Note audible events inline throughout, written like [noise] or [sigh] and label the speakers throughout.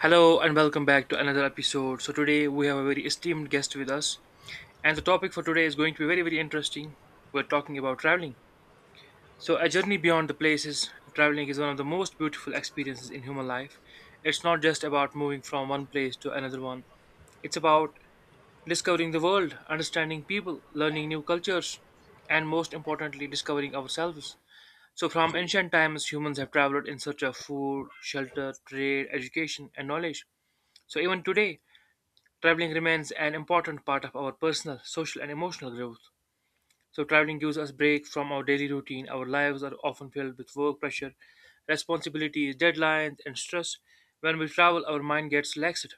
Speaker 1: Hello and welcome back to another episode. So today we have a very esteemed guest with us, and the topic for today is going to be very very interesting. We're talking about traveling. So a journey beyond the places, traveling is one of the most beautiful experiences in human life. It's not just about moving from one place to another one. It's about discovering the world, understanding people, learning new cultures, and most importantly discovering ourselves. So from ancient times humans have traveled in search of food, shelter, trade, education and knowledge. So even today traveling remains an important part of our personal, social, and emotional growth. So, traveling gives us break from our daily routine. Our lives are often filled with work pressure, responsibilities, deadlines, and stress. When we travel, our mind gets relaxed.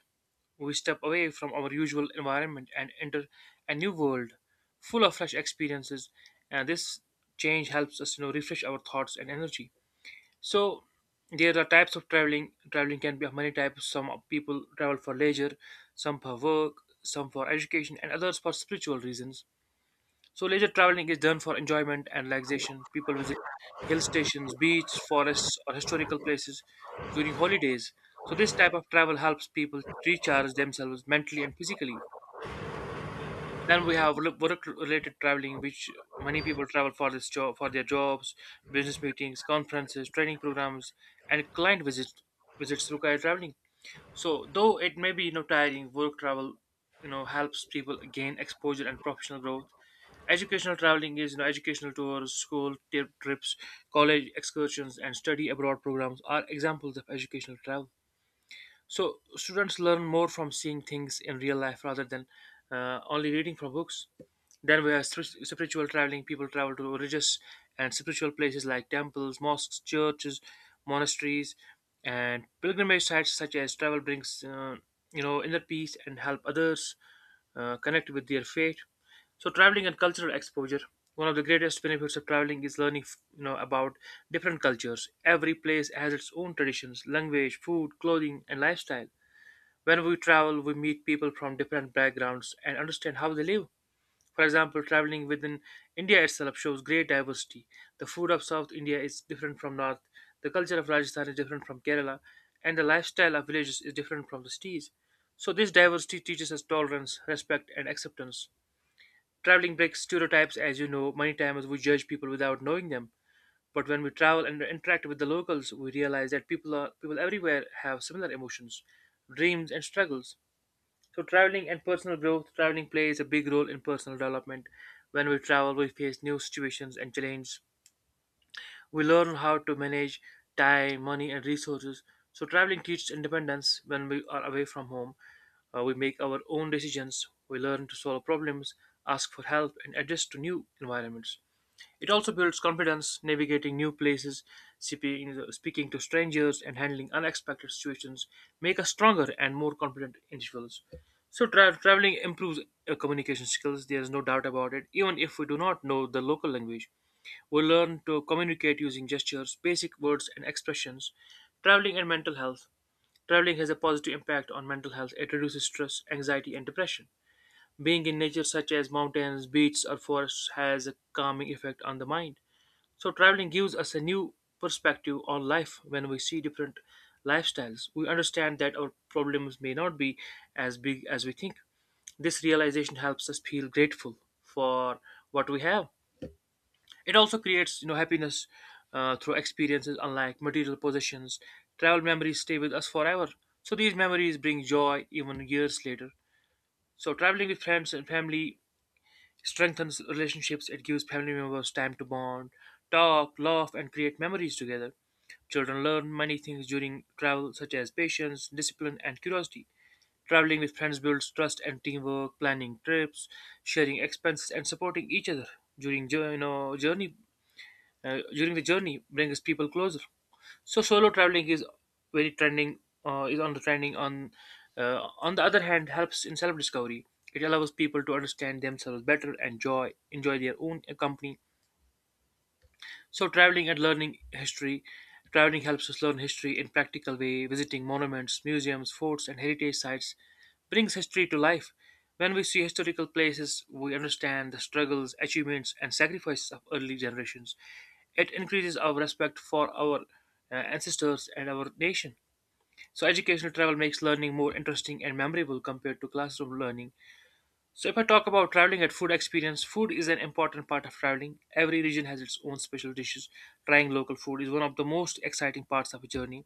Speaker 1: We step away from our usual environment and enter a new world full of fresh experiences. And this change helps us, refresh our thoughts and energy. So there are types of traveling. Traveling can be of many types. Some people travel for leisure, some for work, some for education, and others for spiritual reasons. So leisure traveling is done for enjoyment and relaxation. People visit hill stations, beaches, forests, or historical places during holidays. So this type of travel helps people recharge themselves mentally and physically. Then we have work-related traveling, which many people travel for this job, for their jobs, business meetings, conferences, training programs, and client visits. Visits require traveling. So though it may be tiring, work travel helps people gain exposure and professional growth. Educational traveling is educational tours, school trips, college excursions, and study abroad programs are examples of educational travel. So students learn more from seeing things in real life rather than only reading from books. Then we have spiritual traveling. People travel to religious and spiritual places like temples, mosques, churches, monasteries, and pilgrimage sites such as travel brings inner peace and help others connect with their faith. So traveling and cultural exposure. One of the greatest benefits of traveling is learning about different cultures. Every place has its own traditions, language, food, clothing, and lifestyle. When we travel, we meet people from different backgrounds and understand how they live. For example, traveling within India itself shows great diversity. The food of South India is different from North. The culture of Rajasthan is different from Kerala, and the lifestyle of villages is different from the cities. So this diversity teaches us tolerance, respect, and acceptance. Traveling breaks stereotypes, as you know. Many times we judge people without knowing them, but when we travel and interact with the locals, we realize that people are people everywhere have similar emotions, dreams, and struggles. So traveling and personal growth, traveling plays a big role in personal development. When we travel, we face new situations and challenges. We learn how to manage time, money, and resources. So, traveling teaches independence when we are away from home. We make our own decisions. We learn to solve problems, ask for help, and adjust to new environments. It also builds confidence navigating new places, speaking to strangers, and handling unexpected situations make us stronger and more confident individuals. So, traveling improves communication skills, there's no doubt about it, even if we do not know the local language. We learn to communicate using gestures, basic words, and expressions. Traveling and mental health. Traveling has a positive impact on mental health. It reduces stress, anxiety, and depression. Being in nature, such as mountains, beaches, or forests, has a calming effect on the mind. So, traveling gives us a new perspective on life when we see different lifestyles. We understand that our problems may not be as big as we think. This realization helps us feel grateful for what we have. It also creates happiness through experiences unlike material possessions. Travel memories stay with us forever. So these memories bring joy even years later. So traveling with friends and family strengthens relationships. It gives family members time to bond, talk, laugh, and create memories together. Children learn many things during travel, such as patience, discipline, and curiosity. Traveling with friends builds trust and teamwork, planning trips, sharing expenses, and supporting each other during jour- you know, journey during the journey brings people closer. So solo traveling is very trending is on the trending on the other hand helps in self discovery. It allows people to understand themselves better and enjoy their own company. So traveling and learning history, traveling helps us learn history in practical way. Visiting monuments, museums, forts, and heritage sites brings history to life. When we see historical places, we understand the struggles, achievements, and sacrifices of early generations. It increases our respect for our ancestors and our nation. So educational travel makes learning more interesting and memorable compared to classroom learning. So if I talk about traveling and food experience, food is an important part of traveling. Every region has its own special dishes. Trying local food is one of the most exciting parts of a journey.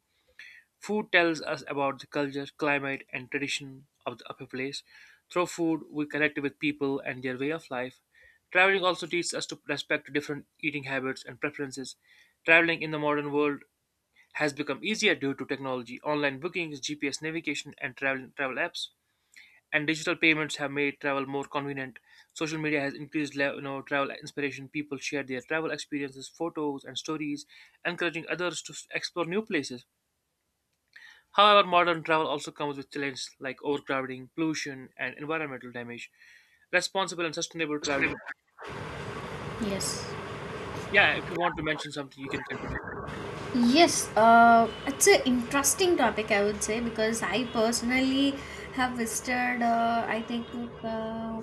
Speaker 1: Food tells us about the culture, climate, and tradition of a place. Through food, we connect with people and their way of life. Traveling also teaches us to respect different eating habits and preferences. Traveling in the modern world has become easier due to technology, online bookings, GPS navigation, and travel apps, and digital payments have made travel more convenient. Social media has increased travel inspiration. People share their travel experiences, photos, and stories, encouraging others to explore new places. However, modern travel also comes with challenges like overcrowding, pollution, and environmental damage. Responsible and sustainable traveling.
Speaker 2: Yes.
Speaker 1: Yeah, if you want to mention something, you can continue.
Speaker 2: Yes, it's an interesting topic, I would say, because I personally have visited, uh,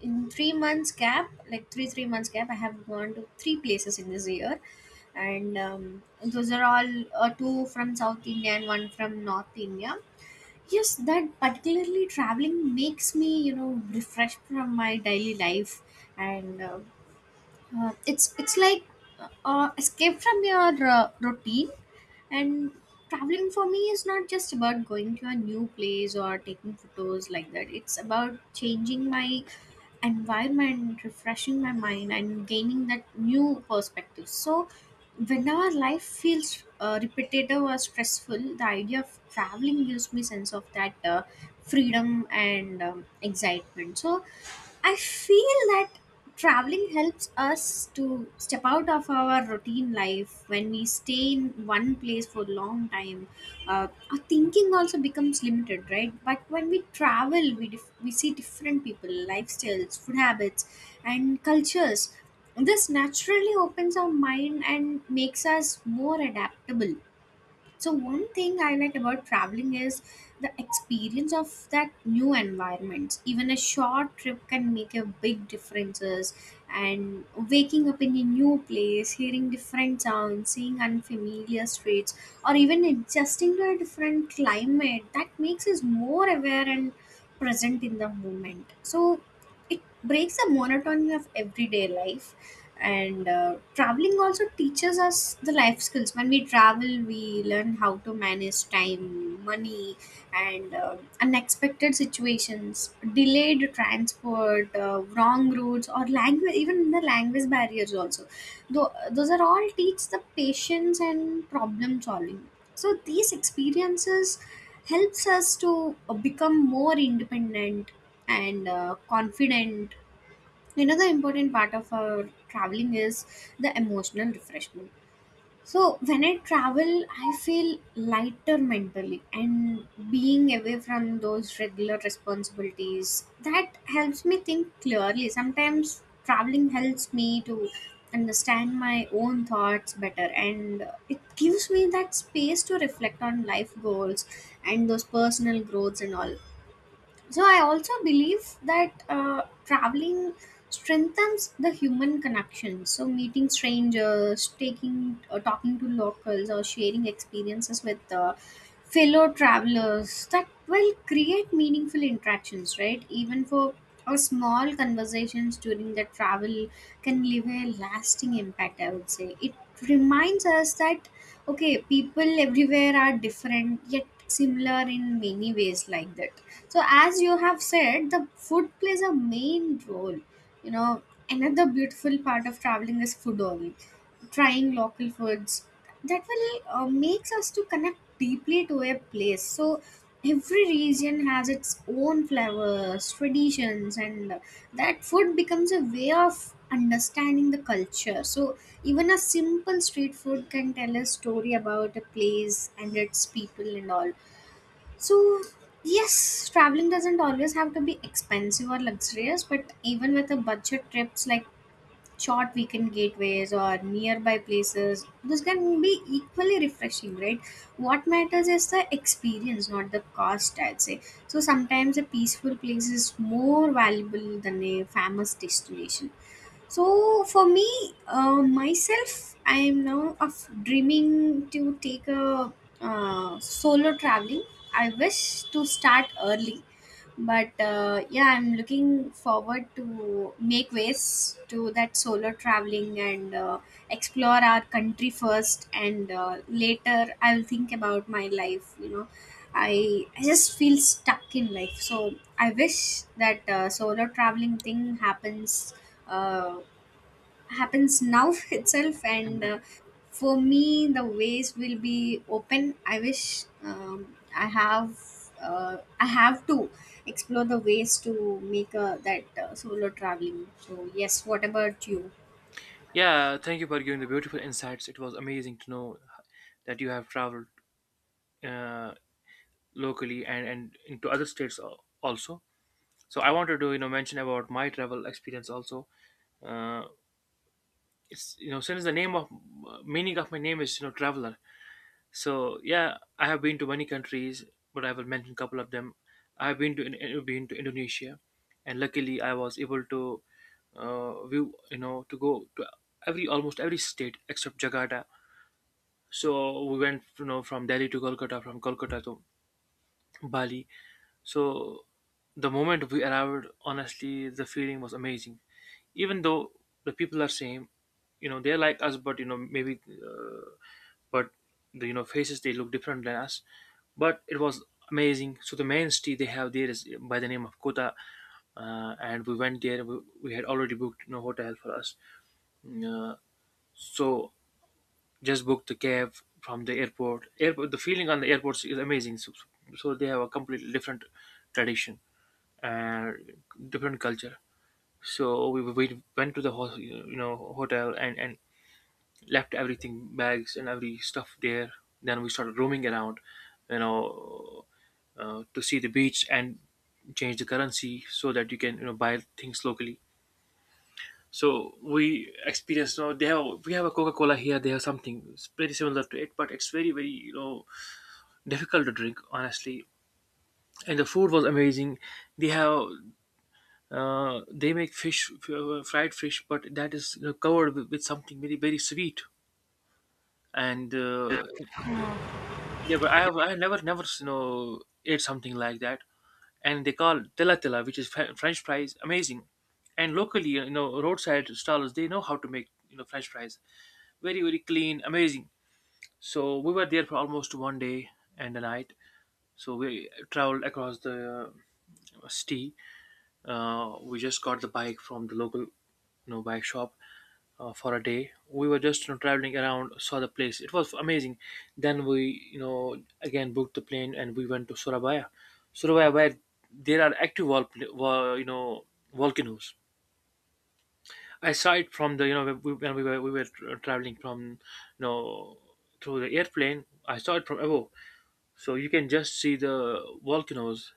Speaker 2: in 3 months gap, like three months gap, I have gone to three places in this year. And those are all two from South India and one from North India. Yes, that particularly traveling makes me, you know, refreshed from my daily life and it's like escape from your routine, and traveling for me is not just about going to a new place or taking photos like that. It's about changing my environment, refreshing my mind, and gaining that new perspective. So when our life feels repetitive or stressful, the idea of traveling gives me sense of that freedom and excitement. So I feel that traveling helps us to step out of our routine life when we stay in one place for a long time. Our thinking also becomes limited, right? But when we travel, we see different people, lifestyles, food habits, and cultures. This naturally opens our mind and makes us more adaptable. So one thing I like about traveling is the experience of that new environment. Even a short trip can make a big differences, and waking up in a new place, hearing different sounds, seeing unfamiliar streets, or even adjusting to a different climate, that makes us more aware and present in the moment. So it breaks the monotony of everyday life. And traveling also teaches us the life skills. When we travel, we learn how to manage time, money, and unexpected situations, delayed transport, wrong routes, or language, even the language barriers also. Though those are all teach the patience and problem solving. So these experiences helps us to become more independent and confident. Another important part of our traveling is the emotional refreshment. So when I travel, I feel lighter mentally, and being away from those regular responsibilities, that helps me think clearly. Sometimes traveling helps me to understand my own thoughts better, and it gives me that space to reflect on life goals and those personal growths and all. So I also believe that traveling strengthens the human connection. So meeting strangers, taking talking to locals, or sharing experiences with fellow travelers, that will create meaningful interactions, right? Even for a small conversations during the travel can leave a lasting impact. I would say it reminds us that okay, people everywhere are different yet similar in many ways, like that. So as you have said, the food plays a main role, you know, another beautiful part of traveling is food only. Trying local foods, that will makes us to connect deeply to a place. So every region has its own flavors, traditions, and that food becomes a way of understanding the culture. So even a simple street food can tell a story about a place and its people and all. So, yes, traveling doesn't always have to be expensive or luxurious, but even with a budget trips like short weekend gateways or nearby places, this can be equally refreshing, right? What matters is the experience, not the cost, I'd say. So, sometimes a peaceful place is more valuable than a famous destination. So for me, myself, I am now of dreaming to take a solo traveling. I wish to start early, but yeah, I'm looking forward to make ways to that solo traveling and explore our country first, and later I'll think about my life. You know, I just feel stuck in life, so I wish that solo traveling thing happens uh, happens now [laughs] itself and for me the ways will be open. I wish, I have I have to explore the ways to make that solo traveling. So yes, what about you?
Speaker 1: Yeah, thank you for giving the beautiful insights. It was amazing to know that you have traveled uh, locally, and into other states also. So I wanted to mention about my travel experience also. Uh, it's since the name of meaning of my name is traveler. So yeah, I have been to many countries, but I will mention a couple of them. I have been to Indonesia, and luckily I was able to view you know to go to every almost every state except Jakarta. So we went from Delhi to Kolkata, from Kolkata to Bali. So the moment we arrived, honestly, the feeling was amazing. Even though the people are same, you know, they're like us, but the faces they look different than us. But it was amazing. So the main city they have there is by the name of Kota, and we went there. We had already booked hotel for us. Uh, so just booked the cab from the airport. Airport, the feeling on the airports is amazing. So, they have a completely different tradition and different culture. So we went to the hotel, and left everything, bags and every stuff, there. Then we started roaming around, you know, to see the beach and change the currency so that you can buy things locally. So we experience now they have we have a Coca Cola here. They have something pretty similar to it, but it's very very difficult to drink honestly. And the food was amazing. They have they make fish fried fish, but that is covered with something very very sweet. And
Speaker 2: Oh,
Speaker 1: yeah, but I never ate something like that. And they call tela tela, which is French fries, amazing. And locally, roadside stalls they know how to make French fries, very very clean, amazing. So we were there for almost one day and a night. So we traveled across the city. We just got the bike from the local bike shop. For a day we were just traveling around, saw the place, it was amazing. Then we again booked the plane and we went to surabaya. Surabaya, where there are active vol- you know volcanoes. Aside from the, when we were traveling from, you know through the airplane, I saw it from above. So you can just see the volcanoes.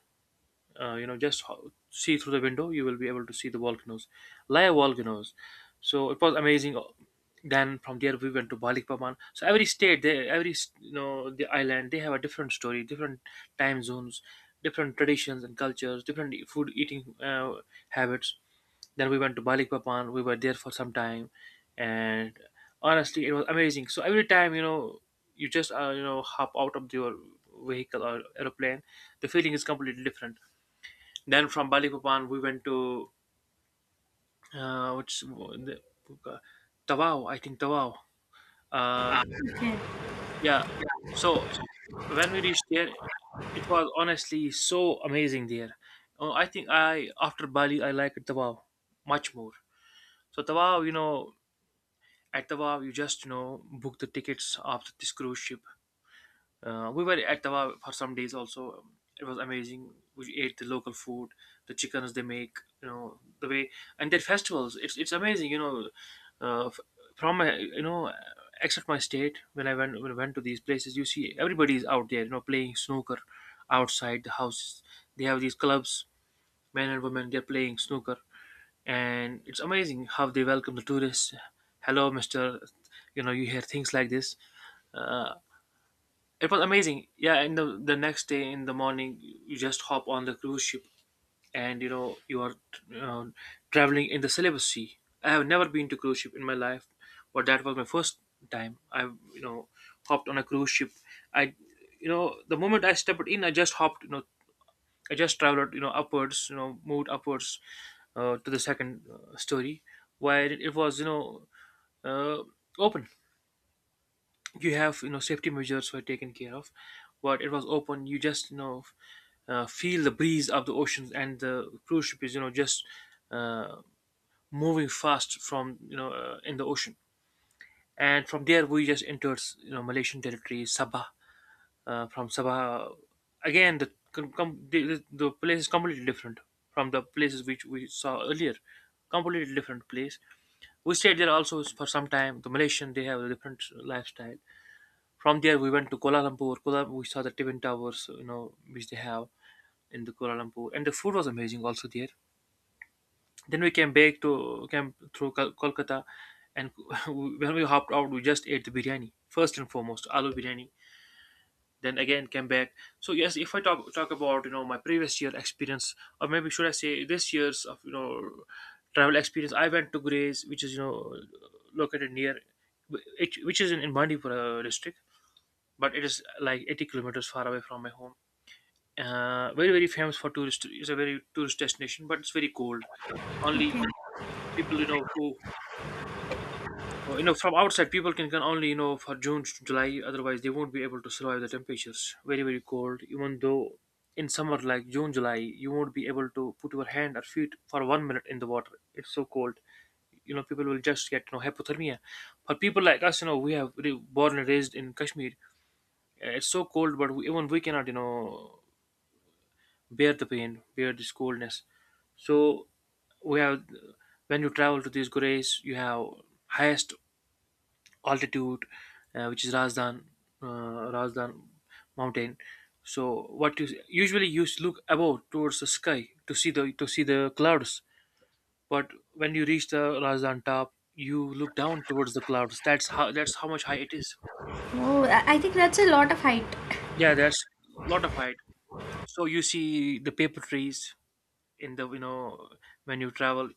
Speaker 1: Just see through the window, you will be able to see the volcanoes, live volcanoes. So it was amazing. Then from there we went to balikpapan. So every state they, every s- you know the island, they have a different story, different time zones, different traditions and cultures, different food eating habits. Then we went to balikpapan, we were there for some time. And honestly it was amazing. So every time, you just hop out of your vehicle or aeroplane, the feeling is completely different. Then from Balikpapan we went to, uh, which the, Tawau, I think Tawau. Uh,
Speaker 2: okay,
Speaker 1: yeah. So when we reached there, it was honestly so amazing there. Oh, I think I, after Bali I like Tawau much more. So Tawau, at Tawau you just book the tickets of this cruise ship. We were at Tawa for some days also. It was amazing. We ate the local food, the chickens they make, the way, and their festivals. It's amazing. Uh, f- from my, except my state, when I went, when I went to these places, you see everybody is out there, playing snooker outside the houses. They have these clubs, men and women, they're playing snooker, and it's amazing how they welcome the tourists. Hello, Mister. You hear things like this. Uh, it was amazing. Yeah, and the next day in the morning, you just hop on the cruise ship, and you are uh, traveling in the Celebes Sea. I have never been to cruise ship in my life, but that was my first time. I you know hopped on a cruise ship. I, the moment I stepped in, I just hopped. I just traveled, upwards, moved upwards to the second story, where it was uh, open. You have, safety measures were taken care of, but it was open. You just feel the breeze of the oceans, and the cruise ship is, just uh, moving fast from, in the ocean. And from there we just entered, malaysian territory, Sabah. From Sabah again, the, the place is completely different from the places which we saw earlier. Completely different place. We stayed there also for some time, the malaysian they have a different lifestyle. From there, we went to Kuala Lumpur. Kuala, we saw the Twin Towers, which they have in the Kuala Lumpur, and the food was amazing also there. Then we came back to, came through Kolkata, and [laughs] when we hopped out, we just ate the biryani first and foremost, aloo biryani. Then again came back. So yes, if I talk about my previous year experience, or maybe should I say this year's of travel experience, I went to Grays, which is located near, which is in Bandipur district, but it is like 80 kilometers far away from my home. Very very famous for tourist. It's a very tourist destination, but it's very cold. Only
Speaker 2: okay.
Speaker 1: people who from outside people can only, for June to July. Otherwise, they won't be able to survive the temperatures. Very very cold. Even though in summer like June July, you won't be able to put your hand or feet for 1 minute in the water. It's so cold. People will just get hypothermia. For people like us, we have born and raised in Kashmir. It's so cold, but we, even we cannot bear the pain, bear this coldness. So we have, when you travel to these gurus, you have highest altitude, which is Razdan, Razdan mountain. So what you usually, you look above towards the sky to see the, to see the clouds, but when you reach the Razdan top, you look down towards the clouds. That's how, that's how much high it is.
Speaker 2: Oh, I think that's a lot of height.
Speaker 1: Yeah, that's lot of height. So you see the paper trees in the, when you travel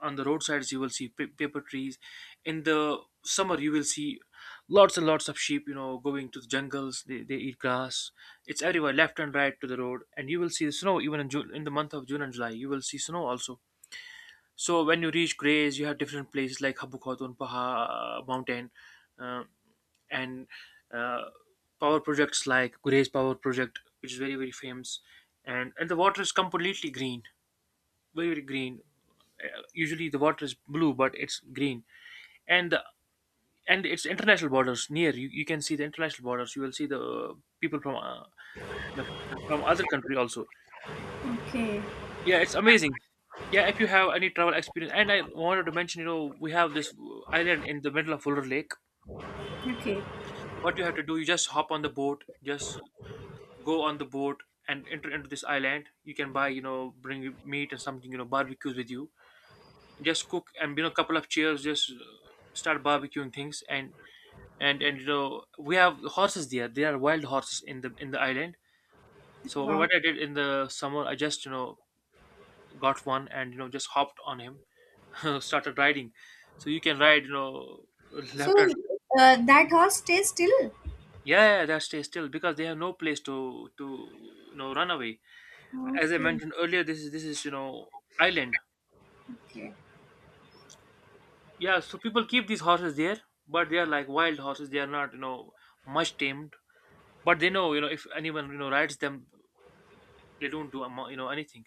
Speaker 1: on the roadsides you will see paper trees. In the summer you will see lots and lots of sheep, going to the jungles, they eat grass. It's everywhere left and right to the road, and you will see the snow even in june, in the month of june and july you will see snow also. So when you reach grays you have different places like habu khatun paha mountain, uh, and uh, power projects like Gurez power project, which is very very famous. And the water is completely green, very green. Usually the water is blue, but it's green, and the, and it's international borders near. You can see the international borders. You will see the people from you know from other country also.
Speaker 2: Okay,
Speaker 1: Yeah, it's amazing. Yeah, if you have any travel experience, and I wanted to mention, we have this island in the middle of Fuller Lake.
Speaker 2: okay,
Speaker 1: What you have to do, you just hop on the boat, just go on the boat and enter into this island. You can buy, bring meat and something, barbecues with you. Just cook and, couple of chairs, just start barbecuing things, and we have horses there, there are wild horses in the, in the island. So
Speaker 2: wow.
Speaker 1: what I did in the summer, I just, got one and, just hopped on him [laughs] started riding. So you can ride, [laughs]
Speaker 2: So
Speaker 1: left and right.
Speaker 2: that horse stays still?
Speaker 1: Yeah, yeah, that stays still because they have no place to, run away. As I
Speaker 2: Okay.
Speaker 1: mentioned earlier, this is island.
Speaker 2: Okay.
Speaker 1: Yeah, so people keep these horses there, but they are like wild horses, they are not much tamed. But they know, if anyone rides them, they don't do anything.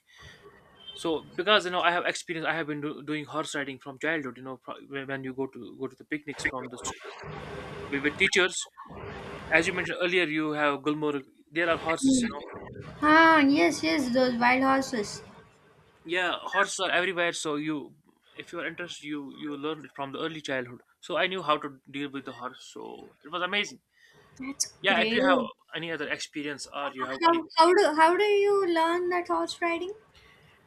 Speaker 1: So, because I have experience, I have been doing horse riding from childhood, when when you go to the picnics from the with teachers. As you mentioned earlier you have gulmore, there are horses.
Speaker 2: Ah, yes, yes, those wild horses.
Speaker 1: yeah, horses are everywhere, so you, if you are interested, you learn it from the early childhood. So I knew how to deal with the horse, so it was amazing.
Speaker 2: That's
Speaker 1: Yeah, if you
Speaker 2: great.
Speaker 1: have any other experience, or you have any.
Speaker 2: How do you learn that horse riding?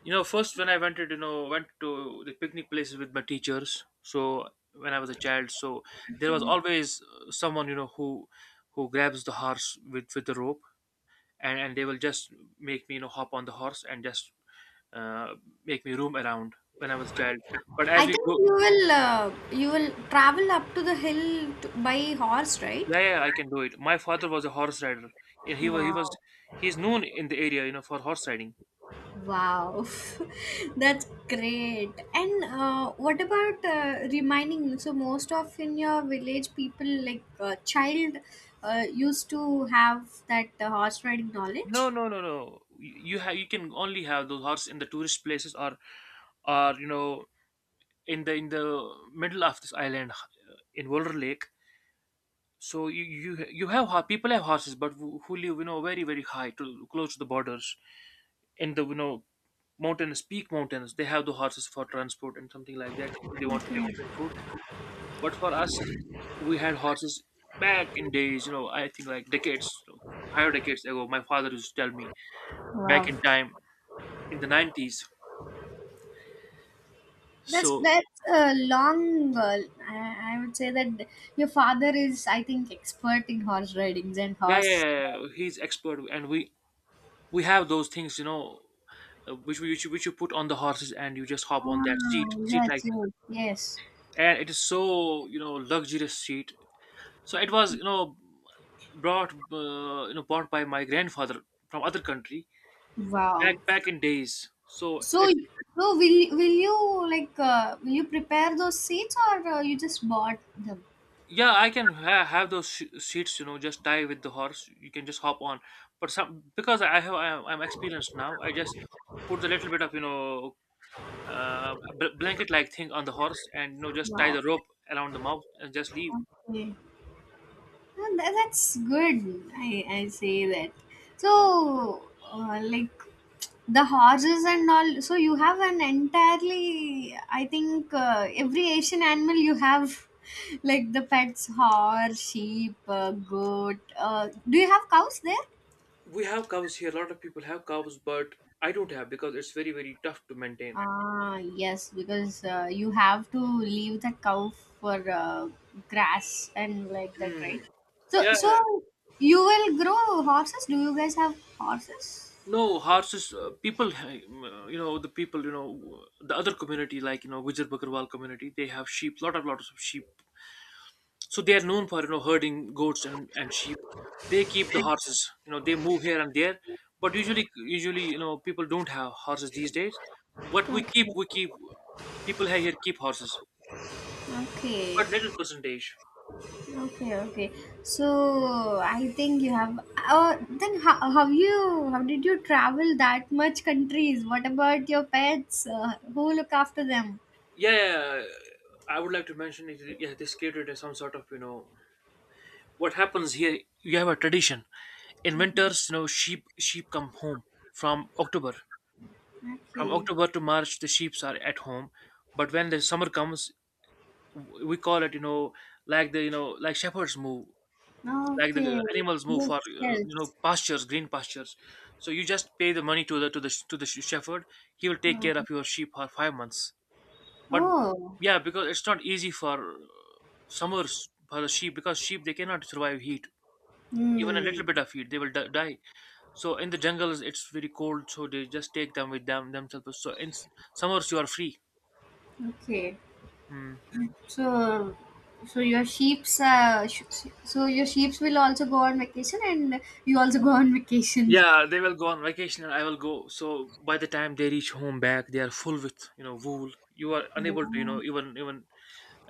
Speaker 1: First when I wanted, went to the picnic places with my teachers. So when I was a child, so there was always someone who grabs the horse with the rope, and they will just make me hop on the horse, and just uh, make me roam around when I was a child. But
Speaker 2: I
Speaker 1: as we
Speaker 2: think
Speaker 1: grow,
Speaker 2: you will travel up to the hill to, by horse, right?
Speaker 1: yeah, yeah, I can do it. My father was a horse rider, and
Speaker 2: Wow.
Speaker 1: he's known in the area, for horse riding.
Speaker 2: Wow. [laughs] That's great. And what about reminding? So most of in your village people like child used to have that horse riding
Speaker 1: No,
Speaker 2: knowledge.
Speaker 1: no, no, no. You have, you can only have those horses in the tourist places, or or you know in the, in the middle of this island in Wolver Lake. So you have, people have horses, but who live, very very high to close to the borders in the, mountains, peak mountains. They have the horses for transport and something like that. If they want to bring food, but for us, we had horses back in days. I think like decades, so five decades ago. My father used to tell me back in time in the 90s. So
Speaker 2: That's a long. I would say that your father is, I think, expert in horse ridings and
Speaker 1: yeah, yeah,
Speaker 2: horse.
Speaker 1: yeah, yeah, he's expert, and we have those things, which you put on the horses and you just hop on that
Speaker 2: Ah,
Speaker 1: seat
Speaker 2: yes,
Speaker 1: like thing.
Speaker 2: yes, yes.
Speaker 1: And it is so, luxurious seat. So it was, brought bought by my grandfather from other country, back
Speaker 2: Wow.
Speaker 1: back in days, so
Speaker 2: So,
Speaker 1: it's,
Speaker 2: so will you like will you prepare those seeds or you just bought them?
Speaker 1: yeah I can have those seats, just tie with the horse, you can just hop on. But some, because I'm experienced now, I just put the little bit of, blanket like thing on the horse, and just tie
Speaker 2: Wow.
Speaker 1: the rope around the mouth and just leave.
Speaker 2: Okay. Ah, tha- that's good. I I say that. So,
Speaker 1: Hmm.
Speaker 2: like the horses and all. So you have an entirely. I think every Asian animal you have, [laughs] like the pets: horse, sheep, goat. Do you have cows there?
Speaker 1: We have cows here. A lot of people have cows, but I don't have because it's very, very tough to maintain.
Speaker 2: Ah, yes, because you have to leave the cow for grass and like that,
Speaker 1: Hmm.
Speaker 2: right? So, so
Speaker 1: Yeah,
Speaker 2: you will grow horses? Do you guys have horses?
Speaker 1: no horses, people, the people, the other community like, Gujar Bakarwal community, they have sheep, lot of lots of sheep. So they are known for herding goats and sheep. They keep the horses. They move here and there, but usually people don't have horses these days. What
Speaker 2: Okay.
Speaker 1: we keep People here keep horses, but little percentage.
Speaker 2: Okay, okay, okay. So I think you have. Oh, then how you how did you travel that much countries? What about your pets? Who look after them?
Speaker 1: Yeah, yeah, yeah. I would like to mention it. Yeah, this catered as some sort of what happens here. You have a tradition in winters. Sheep come home from October. From
Speaker 2: Okay,
Speaker 1: October to March, the sheep are at home, but when the summer comes, we call it, like shepherds move, like
Speaker 2: okay.
Speaker 1: the animals move
Speaker 2: Yes,
Speaker 1: for
Speaker 2: yes.
Speaker 1: pastures green pastures. So you just pay the money to the shepherd. He will take
Speaker 2: Oh.
Speaker 1: care of your sheep for 5 months, but
Speaker 2: Oh.
Speaker 1: yeah, because it's not easy for summers for the sheep, because sheep, they cannot survive heat. Even a little
Speaker 2: Hmm.
Speaker 1: bit of heat, they will die. So in the jungles it's very cold, so they just take them with them themselves. So in summers you are free.
Speaker 2: Okay.
Speaker 1: Hmm.
Speaker 2: So, so your sheep's so your sheep's will also go on vacation, and you also go on vacation.
Speaker 1: Yeah, they will go on vacation and I will go. So by the time they reach home back, they are full with, wool. You are unable to,
Speaker 2: Yeah.
Speaker 1: even even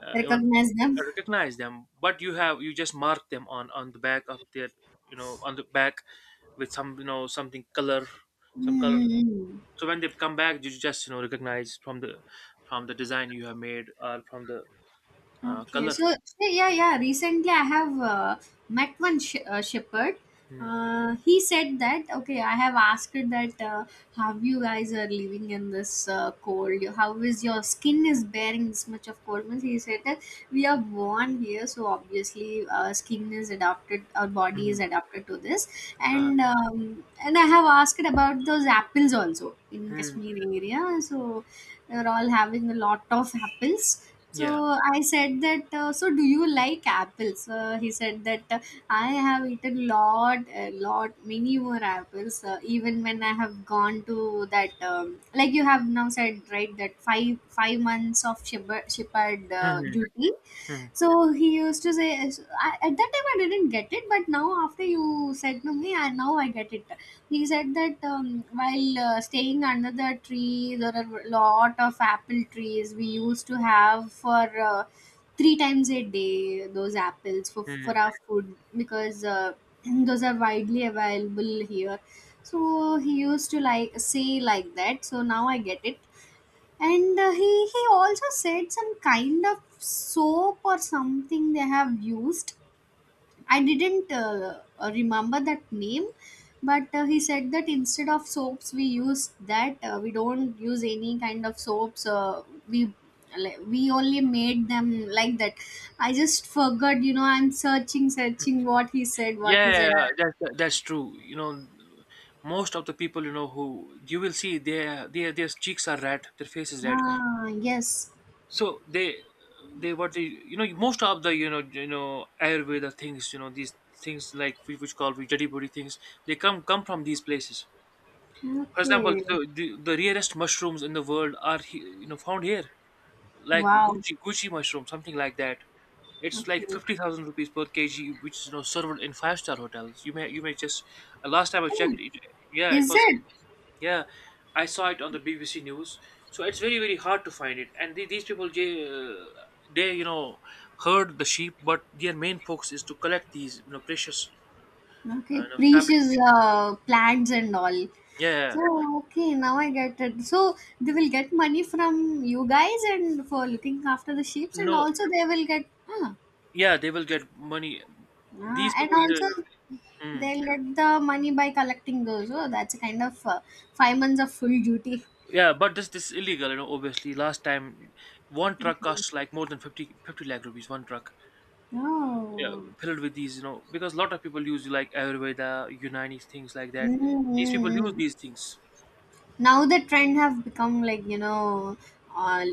Speaker 1: uh, even
Speaker 2: Recognize them.
Speaker 1: recognize them. But you just mark them on the back of their, on the back with some, something color, some color.
Speaker 2: Hmm.
Speaker 1: So when they come back, you just, recognize from the design you have made or from the
Speaker 2: Okay,
Speaker 1: color.
Speaker 2: so hey, yeah, yeah. Recently, I have met one shepherd.
Speaker 1: Mm-hmm.
Speaker 2: He said that okay, I have asked that how you guys are living in this cold. How is your skin is bearing this much of cold? Means he said that we are born here, so obviously our skin is adapted, our body is adapted to this.
Speaker 1: Uh,
Speaker 2: And I have asked about those apples also in
Speaker 1: mm,
Speaker 2: Kashmir area. So they're all having a lot of apples. So
Speaker 1: yeah.
Speaker 2: I said that. So do you like apples? He said that I have eaten lot, a lot, many more apples. Even when I have gone to that, like you have now said, right? That five months of shepherd duty. So he used to say, so I, at that time I didn't get it, but now after you said to me, I, now I get it. He said that while staying under the tree, there are a lot of apple trees we used to have for uh, three times a day those apples for
Speaker 1: Mm-hmm.
Speaker 2: our food because [clears throat] those are widely available here. So he used to like say like that. So now I get it, and he also said some kind of soap or something they have used. I didn't remember that name, but he said that instead of soaps we use that we don't use any kind of soaps. We like, we only made them like that. I just forgot. You know, I'm searching what he said. What
Speaker 1: Yeah,
Speaker 2: he
Speaker 1: yeah,
Speaker 2: said.
Speaker 1: yeah, that's true. Most of the people, who you will see, their cheeks are red, their face is red.
Speaker 2: Ah, yes.
Speaker 1: So they what they, most of the, Ayurveda things, these things, like we which call we dirty body things, they come from these places. For example,
Speaker 2: Okay.
Speaker 1: the rarest mushrooms in the world are found here, like
Speaker 2: Wow.
Speaker 1: Gucci mushroom, something like that. It's like
Speaker 2: Okay.
Speaker 1: 50,000 rupees per kg, which is, served in five-star hotels. You may just, last time I
Speaker 2: Hmm.
Speaker 1: checked it, yeah, it
Speaker 2: Is
Speaker 1: was,
Speaker 2: it?
Speaker 1: yeah, I saw it on the BBC News. So it's very very hard to find it, and these people, they, herd the sheep, but their main focus is to collect these, precious,
Speaker 2: Okay, precious
Speaker 1: saplings.
Speaker 2: plants and all.
Speaker 1: Yeah,
Speaker 2: So okay, now I get it. So they will get money from you guys and for looking after the sheep, and
Speaker 1: no,
Speaker 2: also they will get ah,
Speaker 1: yeah, they will get money.
Speaker 2: ah,
Speaker 1: These
Speaker 2: and
Speaker 1: people,
Speaker 2: also
Speaker 1: they, mm.
Speaker 2: they'll get the money by collecting those. Oh, that's a kind of 5 months of full duty.
Speaker 1: Yeah, but this is illegal. Obviously, last time one truck
Speaker 2: Okay.
Speaker 1: costs like more than fifty lakh rupees. One truck, yeah,
Speaker 2: Oh.
Speaker 1: filled with these, because a lot of people use like Ayurveda, Unani things like that. These people use
Speaker 2: Mm-hmm.
Speaker 1: these things.
Speaker 2: Now the trend have become like you know uh,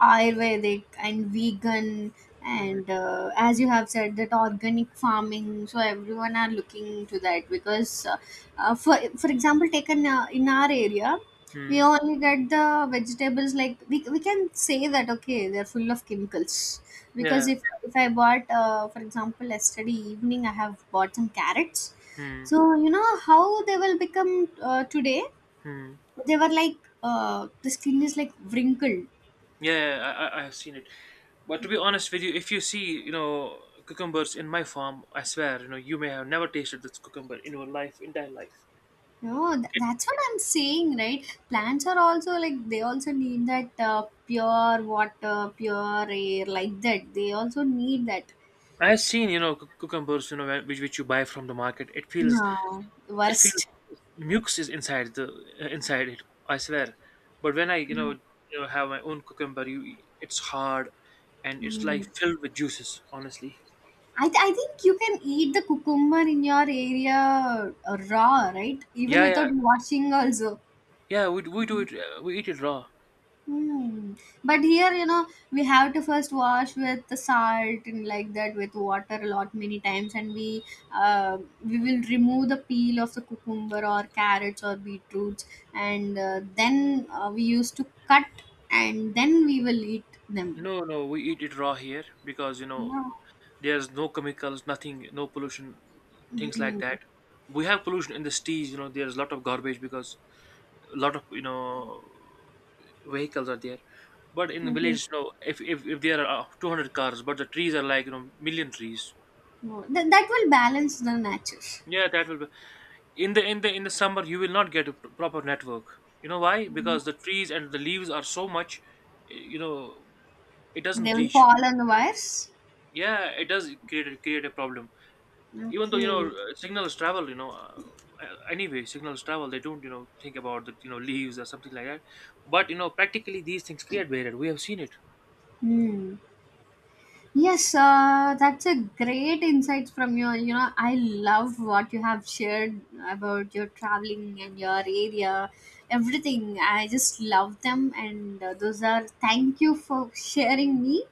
Speaker 2: ayurvedic and vegan.
Speaker 1: Hmm.
Speaker 2: And as you have said that organic farming, so everyone are looking to that because for example taken in our area we
Speaker 1: Hmm.
Speaker 2: only get the vegetables like we can say that okay they're full of chemicals.
Speaker 1: Yeah.
Speaker 2: Because if I bought for example, yesterday evening I have bought some carrots,
Speaker 1: Hmm.
Speaker 2: so you know how they will become today.
Speaker 1: Hmm.
Speaker 2: They were like the skin is like wrinkled.
Speaker 1: Yeah, I have seen it. But to be honest with you, if you see, cucumbers in my farm, I swear, you may have never tasted this cucumber in your life, entire life.
Speaker 2: No, th- that's what I'm saying, right? Plants are also like, they also need that pure water, pure air, like that they also need that.
Speaker 1: I have seen, cucumbers, which you buy from the market. It feels
Speaker 2: No,
Speaker 1: it feels
Speaker 2: worst.
Speaker 1: mucus is inside the inside it. I swear. But when I, have my own cucumber you it's hard, and it's like
Speaker 2: Hmm.
Speaker 1: filled with juices, honestly.
Speaker 2: I, th- I think you can eat the cucumber in your area raw, right, even
Speaker 1: Yeah, yeah,
Speaker 2: without washing also.
Speaker 1: yeah, we do it, we eat it raw.
Speaker 2: Hmm. But here, you know, we have to first wash with the salt and like that with water a lot many times, and uh, we will remove the peel of the cucumber or carrots or beetroots, and then we used to cut and then we will eat them.
Speaker 1: No, no, we eat it raw here, because,
Speaker 2: Yeah.
Speaker 1: there's no chemicals, nothing, no pollution, things like that.
Speaker 2: Mm.
Speaker 1: We have pollution in the cities, there's a lot of garbage, because a lot of, vehicles are there. But in the
Speaker 2: Okay.
Speaker 1: village, if there are 200 cars, but the trees are like, million trees.
Speaker 2: No, that, that will balance the nature.
Speaker 1: Yeah, that will be. In the summer you will not get a proper network. You know why? Because the trees and the leaves are so much, y- you know it
Speaker 2: They
Speaker 1: doesn't
Speaker 2: will
Speaker 1: reach.
Speaker 2: fall on the wires.
Speaker 1: Yeah, it does create create a problem. Even though,
Speaker 2: Okay.
Speaker 1: signals travel, anyway signals travel, they don't, think about the, leaves or something like that. But, practically, these things create barrier, we have seen it.
Speaker 2: Hmm. Yes, that's a great insight from your. You know, I love what you have shared about your traveling and your area, everything. I just love them, and those are thank you for sharing me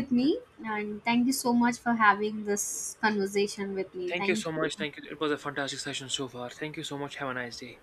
Speaker 2: with me, and thank you so much for having this conversation with me.
Speaker 1: Thank you
Speaker 2: Thank
Speaker 1: so
Speaker 2: you.
Speaker 1: much, thank you, it was a fantastic session so far, thank you so much, have a nice day.